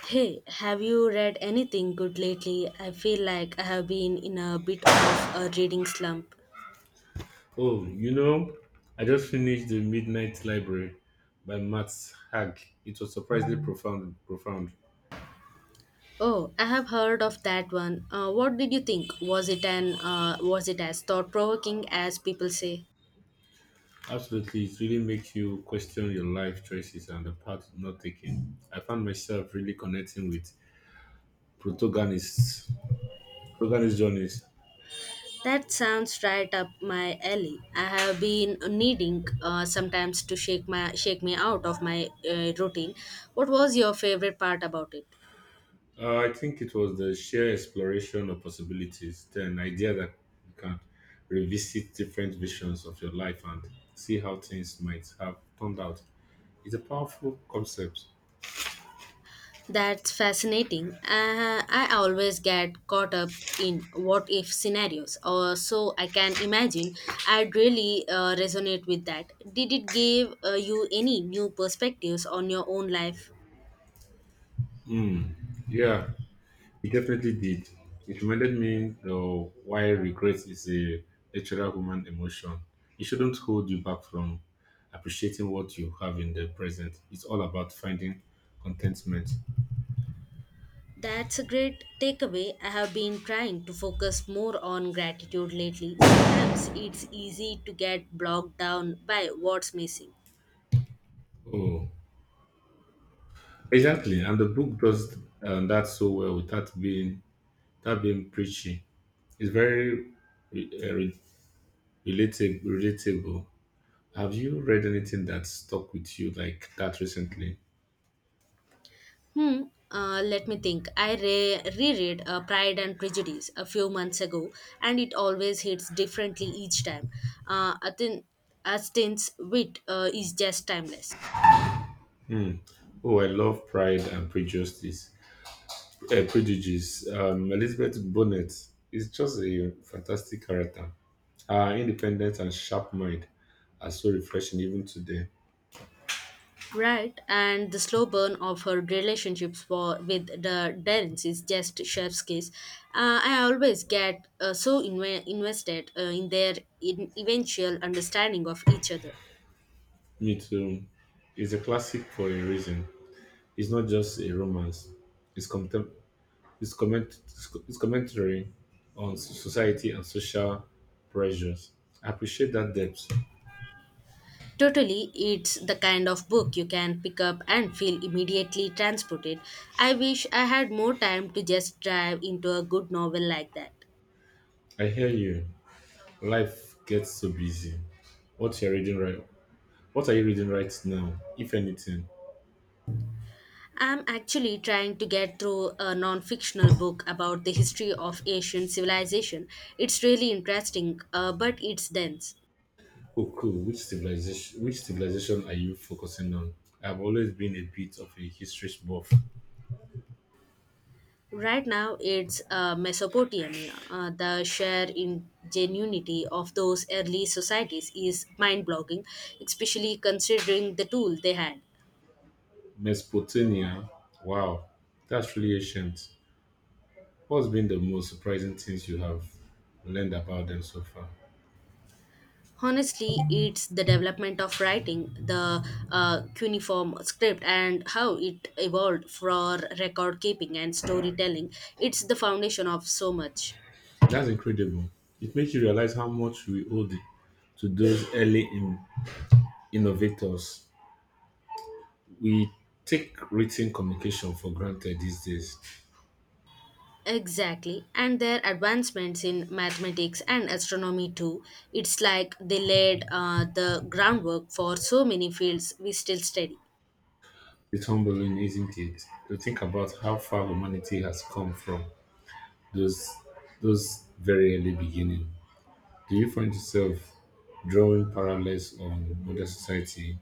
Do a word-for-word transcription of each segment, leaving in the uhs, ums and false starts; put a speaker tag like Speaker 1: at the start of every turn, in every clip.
Speaker 1: Hey, have you read anything good lately? I feel like I have been in a bit of a reading slump.
Speaker 2: Oh, you know, I just finished The Midnight Library by Max Hag. It was surprisingly profound. Profound.
Speaker 1: Oh, I have heard of that one. Uh, what did you think? Was it an uh, was it as thought provoking as people say?
Speaker 2: Absolutely, it really makes you question your life choices and the path you're not taking. I found myself really connecting with protagonists, protagonist journeys.
Speaker 1: That sounds right up my alley. I have been needing uh, sometimes to shake my shake me out of my uh, routine. What was your favorite part about it?
Speaker 2: Uh, I think it was the sheer exploration of possibilities, then idea that you can revisit different visions of your life and see how things might have turned out. It's a powerful concept.
Speaker 1: That's fascinating. Uh, I always get caught up in what if scenarios, or so I can imagine. I'd really uh, resonate with that. Did it give uh, you any new perspectives on your own life?
Speaker 2: Mm, yeah, it definitely did. It reminded me of why regret is a natural human emotion. It shouldn't hold you back from appreciating what you have in the present. It's all about finding contentment.
Speaker 1: That's a great takeaway. I have been trying to focus more on gratitude lately. Sometimes it's easy to get bogged down by what's missing.
Speaker 2: Oh, exactly. And the book does um, that so well without being that being preachy. It's very re- uh, re- relatable. Relatable. Have you read anything that stuck with you like that recently?
Speaker 1: Hmm. Uh, let me think. I re- reread uh, Pride and Prejudice a few months ago, and it always hits differently each time. Uh, Atin- Austen's wit uh, is just timeless,
Speaker 2: Oh, I love Pride and Prejudice. Uh, prodigies. Um, Elizabeth Bonnet is just a fantastic character. Her independent and sharp mind are so refreshing even today.
Speaker 1: right? And the slow burn of her relationships for, with the Darrens is just chef's kiss. Uh, I always get uh, so inve- invested uh, in their in- eventual understanding of each other.
Speaker 2: Me too. It's a classic for a reason. It's not just a romance. It's contem- it's comment it's co- it's commentary on s- society and social pressures. I appreciate that depth.
Speaker 1: Totally, it's the kind of book you can pick up and feel immediately transported. I wish I had more time to just dive into a good novel like that.
Speaker 2: I hear you. Life gets so busy. What you're reading right? What are you reading right now, if anything?
Speaker 1: I'm actually trying to get through a non fictional book about the history of Asian civilization. It's really interesting, uh, but it's dense.
Speaker 2: Oh, cool. Which civilization? Which civilization are you focusing on? I've always been a bit of a history buff.
Speaker 1: Right now, it's uh, Mesopotamia. Uh, the sheer ingenuity of those early societies is mind blogging, especially considering the tool they had.
Speaker 2: Mesopotamia. Wow, that's really ancient. What's been the most surprising things you have learned about them so far?
Speaker 1: Honestly, it's the development of writing, the uh, cuneiform script, and how it evolved for record keeping and storytelling. It's the foundation of so much.
Speaker 2: That's incredible. It makes you realize how much we owe the- to those early in- innovators. We take written communication for granted these days.
Speaker 1: Exactly, and their advancements in mathematics and astronomy too. It's like they laid uh, the groundwork for so many fields we still study.
Speaker 2: It's humbling, isn't it, to think about how far humanity has come from those those very early beginning, do you find yourself drawing parallels on modern society?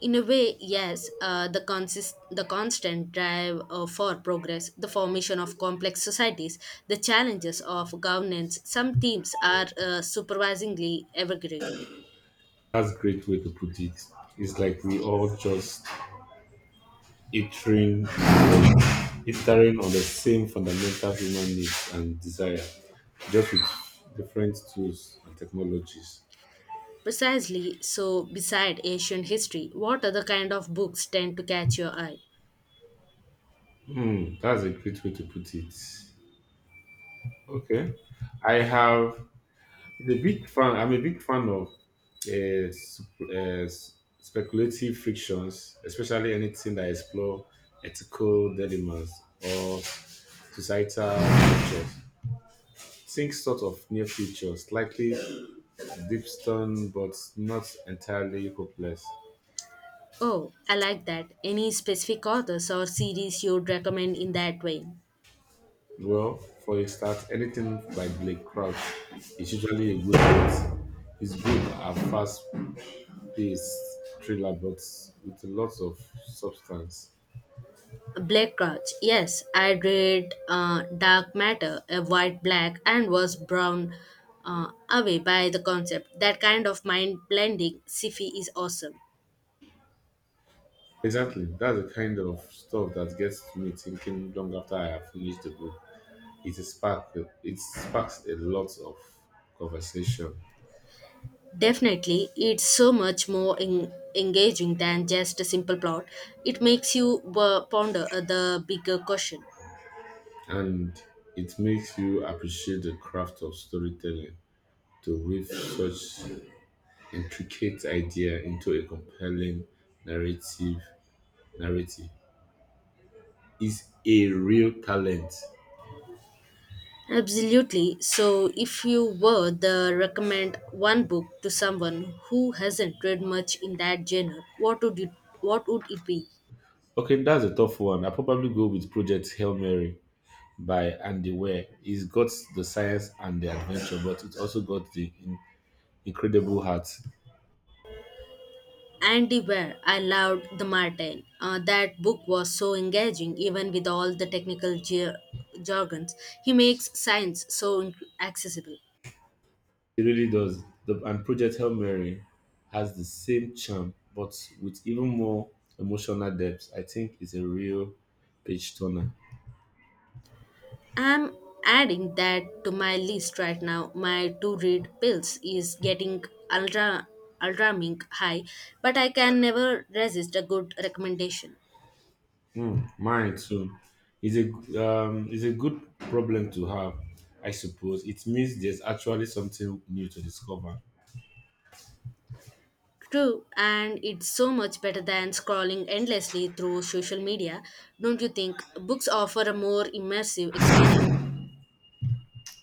Speaker 1: In a way, yes, uh, the, consist- the constant drive uh, for progress, the formation of complex societies, the challenges of governance, some teams are uh, supervisingly evergreen.
Speaker 2: That's a great way to put it. It's like we all just iterating, iterating on the same fundamental human needs and desire, just with different tools and technologies.
Speaker 1: Precisely so, beside Asian history, what other kind of books tend to catch your eye?
Speaker 2: Hmm, that's a great way to put it. Okay, I have I'm a big fan. I'm a big fan of uh, sp- uh, s- speculative frictions, especially anything that explore ethical dilemmas or societal structures. Think sort of near future, slightly deep-stone but not entirely hopeless.
Speaker 1: Oh, I like that. Any specific authors or series you'd recommend in that vein?
Speaker 2: Well, for a start, anything by Blake Crouch is usually a good bet. His book are fast-paced thriller, but with a lot of substance.
Speaker 1: Black Crouch. Yes, I read uh, Dark Matter, a white black, and was blown uh, away by the concept. That kind of mind blending sci-fi is awesome.
Speaker 2: Exactly. That's the kind of stuff that gets me thinking long after I have finished the book. It is spark it sparks a lot of conversation,
Speaker 1: Definitely, it's so much more en- engaging than just a simple plot. It makes you uh, ponder uh, the bigger question.
Speaker 2: and it makes you appreciate the craft of storytelling to weave such intricate idea into a compelling narrative narrative is a real talent.
Speaker 1: Absolutely. So, if you were to recommend one book to someone who hasn't read much in that genre, what would it, what would it be?
Speaker 2: Okay, that's a tough one. I probably go with Project Hail Mary by Andy Weir, were. It's got the science and the adventure, but it also got the in, incredible heart.
Speaker 1: Andy Ware, I loved The Martin. Uh, that book was so engaging, even with all the technical jar- jargons. He makes science so in- accessible.
Speaker 2: It really does. The, and Project Hail Mary has the same charm, but with even more emotional depth. I think it's a real page turner.
Speaker 1: I'm adding that to my list right now. My to read pills is getting ultra alarming high, but I can never resist a good recommendation.
Speaker 2: Mm, mine too. Is a um, It's a good problem to have, I suppose. It means there's actually something new to discover.
Speaker 1: True, and it's so much better than scrolling endlessly through social media. Don't you think books offer a more immersive experience?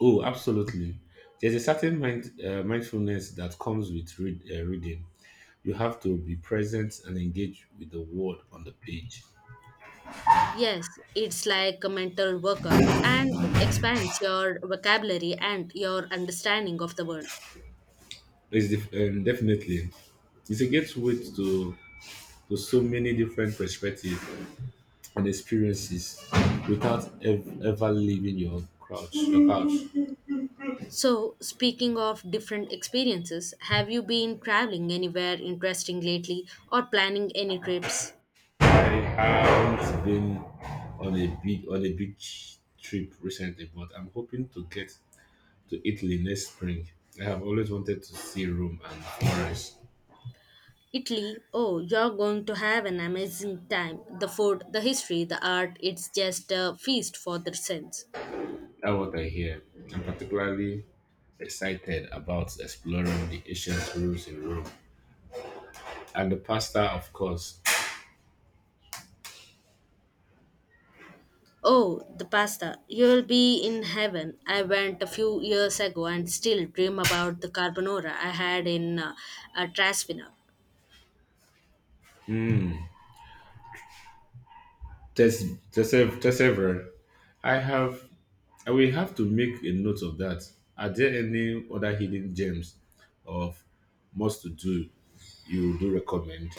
Speaker 2: Oh, absolutely. There's a certain mind, uh, mindfulness that comes with read, uh, reading. You have to be present and engage with the word on the page.
Speaker 1: Yes, it's like a mental workout and it expands your vocabulary and your understanding of the world.
Speaker 2: It's def- um, definitely it's a gateway to to so many different perspectives and experiences without ev- ever leaving your couch. Your couch.
Speaker 1: So, speaking of different experiences, have you been traveling anywhere interesting lately or planning any trips?
Speaker 2: I haven't been on a big on a big trip recently, but I'm hoping to get to Italy next spring. I have always wanted to see Rome and Florence.
Speaker 1: Italy, oh, you're going to have an amazing time. The food, the history, the art, it's just a feast for the sense.
Speaker 2: That's what I hear. I'm particularly excited about exploring the ancient ruins in Rome and the pasta, of course.
Speaker 1: Oh, the pasta. You'll be in heaven. I went a few years ago and still dream about the carbonara I had in uh, uh, Trasvina.
Speaker 2: Tes- Tese- Tesevere. I have. I will have to make a note of that. Are there any other hidden gems of must to do you do recommend?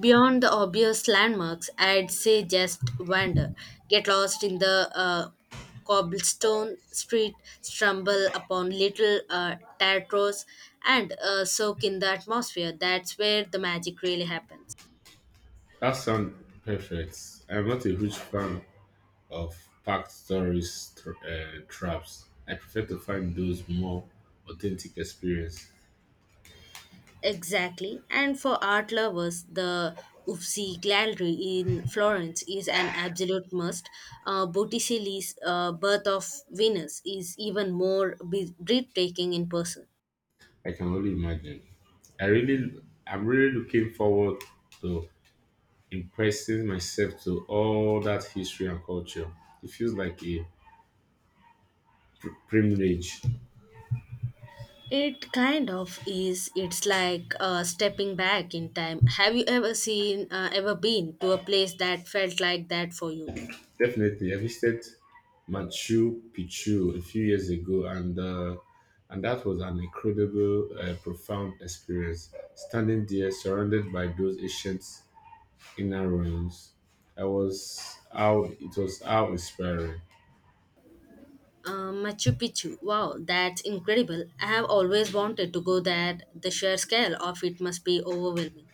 Speaker 1: Beyond the obvious landmarks, I'd say just wander. Get lost in the uh, cobblestone street, stumble upon little uh, teatros, and uh, soak in the atmosphere. That's where the magic really happens.
Speaker 2: That sounds perfect. I'm not a huge fan of packed tourist tra- uh, traps. I prefer to find those more authentic experience.
Speaker 1: Exactly. And for art lovers, the Uffizi Gallery in Florence is an absolute must. Uh, Botticelli's uh, Birth of Venus is even more be- breathtaking in person.
Speaker 2: I can only imagine. I really, I'm really looking forward to impressing myself to all that history and culture. It feels like a pr- privilege.
Speaker 1: It kind of is. It's like uh, stepping back in time. Have you ever seen, uh, Ever been to a place that felt like that for you?
Speaker 2: Definitely, I visited Machu Picchu a few years ago, and uh, and that was an incredible, uh, profound experience. Standing there, surrounded by those ancient inner ruins, I was how it was how inspiring.
Speaker 1: Uh, Machu Picchu. Wow, that's incredible. I have always wanted to go there. The sheer scale of it must be overwhelming.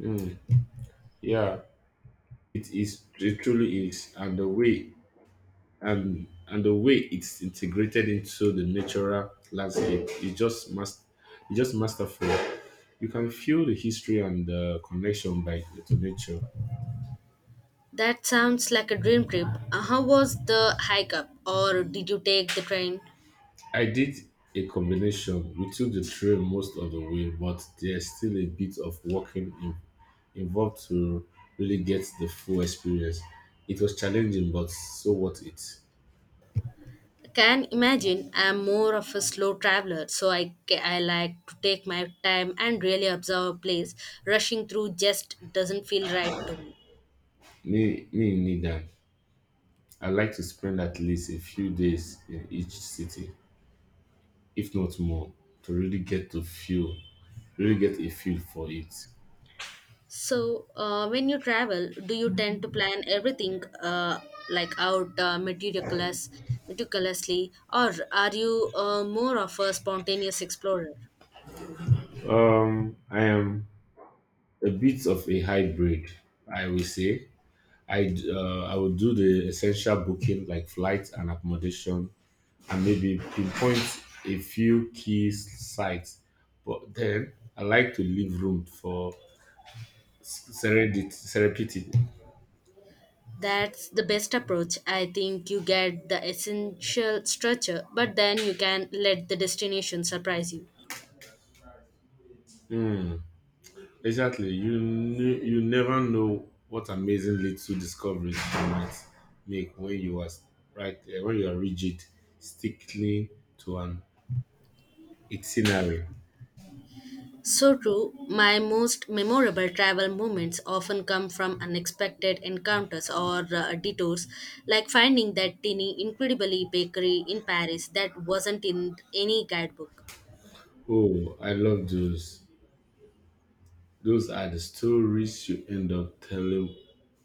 Speaker 2: Mm, yeah, It is it truly is, and the way and and the way it's integrated into the natural landscape is just must it's just masterful. You can feel the history and the connection by to nature.
Speaker 1: That sounds like a dream trip. Uh, How was the hike up, or did you take the train?
Speaker 2: I did a combination. We took the trail most of the way, but there's still a bit of walking in, involved to really get the full experience. It was challenging, but so what it.
Speaker 1: Can imagine I'm more of a slow traveler, so I, ca- I like to take my time and really observe a place. Rushing through just doesn't feel right to me.
Speaker 2: Me, me neither. I like to spend at least a few days in each city, if not more, to really get to feel, really get a feel for it.
Speaker 1: So, uh, when you travel, do you tend to plan everything uh, like out uh, meticulous, meticulously, or are you uh, more of a spontaneous explorer?
Speaker 2: Um, I am a bit of a hybrid, I will say. I uh, I will do the essential booking like flights and accommodation, and maybe pinpoint a few key s- sites. But then I like to leave room for s- serendipity. serendipity.
Speaker 1: That's the best approach. I think you get the essential structure, but then you can let the destination surprise you.
Speaker 2: Hmm. Exactly. You knew, you never know what amazing little discoveries you might make when you are s- right eh, when you are rigid, sticking to an itinerary.
Speaker 1: So true, my most memorable travel moments often come from unexpected encounters or uh, detours, like finding that tiny, incredibly bakery in Paris that wasn't in any guidebook.
Speaker 2: Oh, I love those. Those are the stories you end up telling.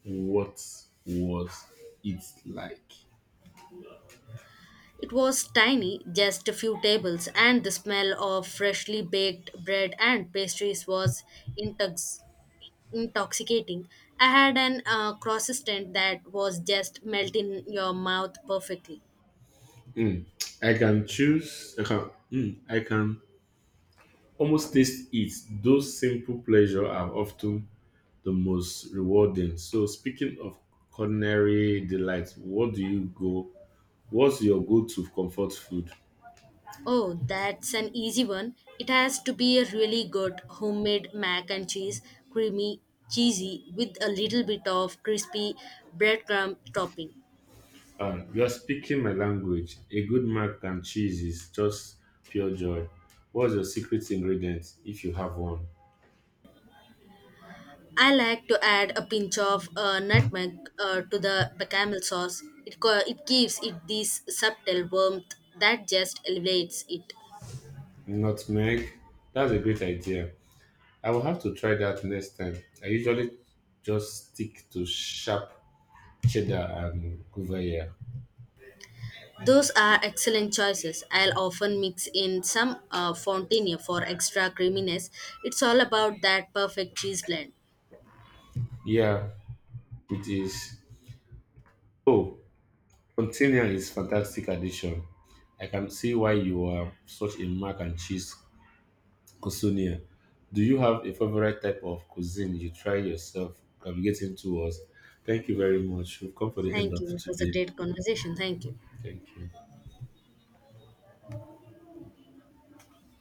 Speaker 2: What was it like.
Speaker 1: It was tiny, just a few tables, and the smell of freshly baked bread and pastries was intoxicating. intoxicating. I had an uh, croissant that was just melt in your mouth perfectly.
Speaker 2: Mm. I can choose. I can. Mm, I can almost taste it. Those simple pleasure are often the most rewarding. So speaking of culinary delights, what do you go? What's your go-to comfort food?
Speaker 1: Oh, that's an easy one. It has to be a really good homemade mac and cheese, creamy, cheesy, with a little bit of crispy breadcrumb topping.
Speaker 2: Ah, you're speaking my language. A good mac and cheese is just pure joy. What's your secret ingredient if you have one?
Speaker 1: I like to add a pinch of uh, nutmeg uh, to the bechamel sauce. It, co- it gives it this subtle warmth that just elevates it.
Speaker 2: Nutmeg. That's a great idea. I will have to try that next time. I usually just stick to sharp cheddar and gruyere.
Speaker 1: Those are excellent choices. I'll often mix in some uh, fontina for extra creaminess. It's all about that perfect cheese blend.
Speaker 2: Yeah, it is. Oh, Quintanilla is fantastic addition. I can see why you are such a mac and cheese cuisinier. Do you have a favorite type of cuisine you try yourself? Navigating towards. Thank you very much. We've come for the end
Speaker 1: Thank
Speaker 2: of
Speaker 1: you. It was a
Speaker 2: today.
Speaker 1: great conversation. Thank you.
Speaker 2: Thank you.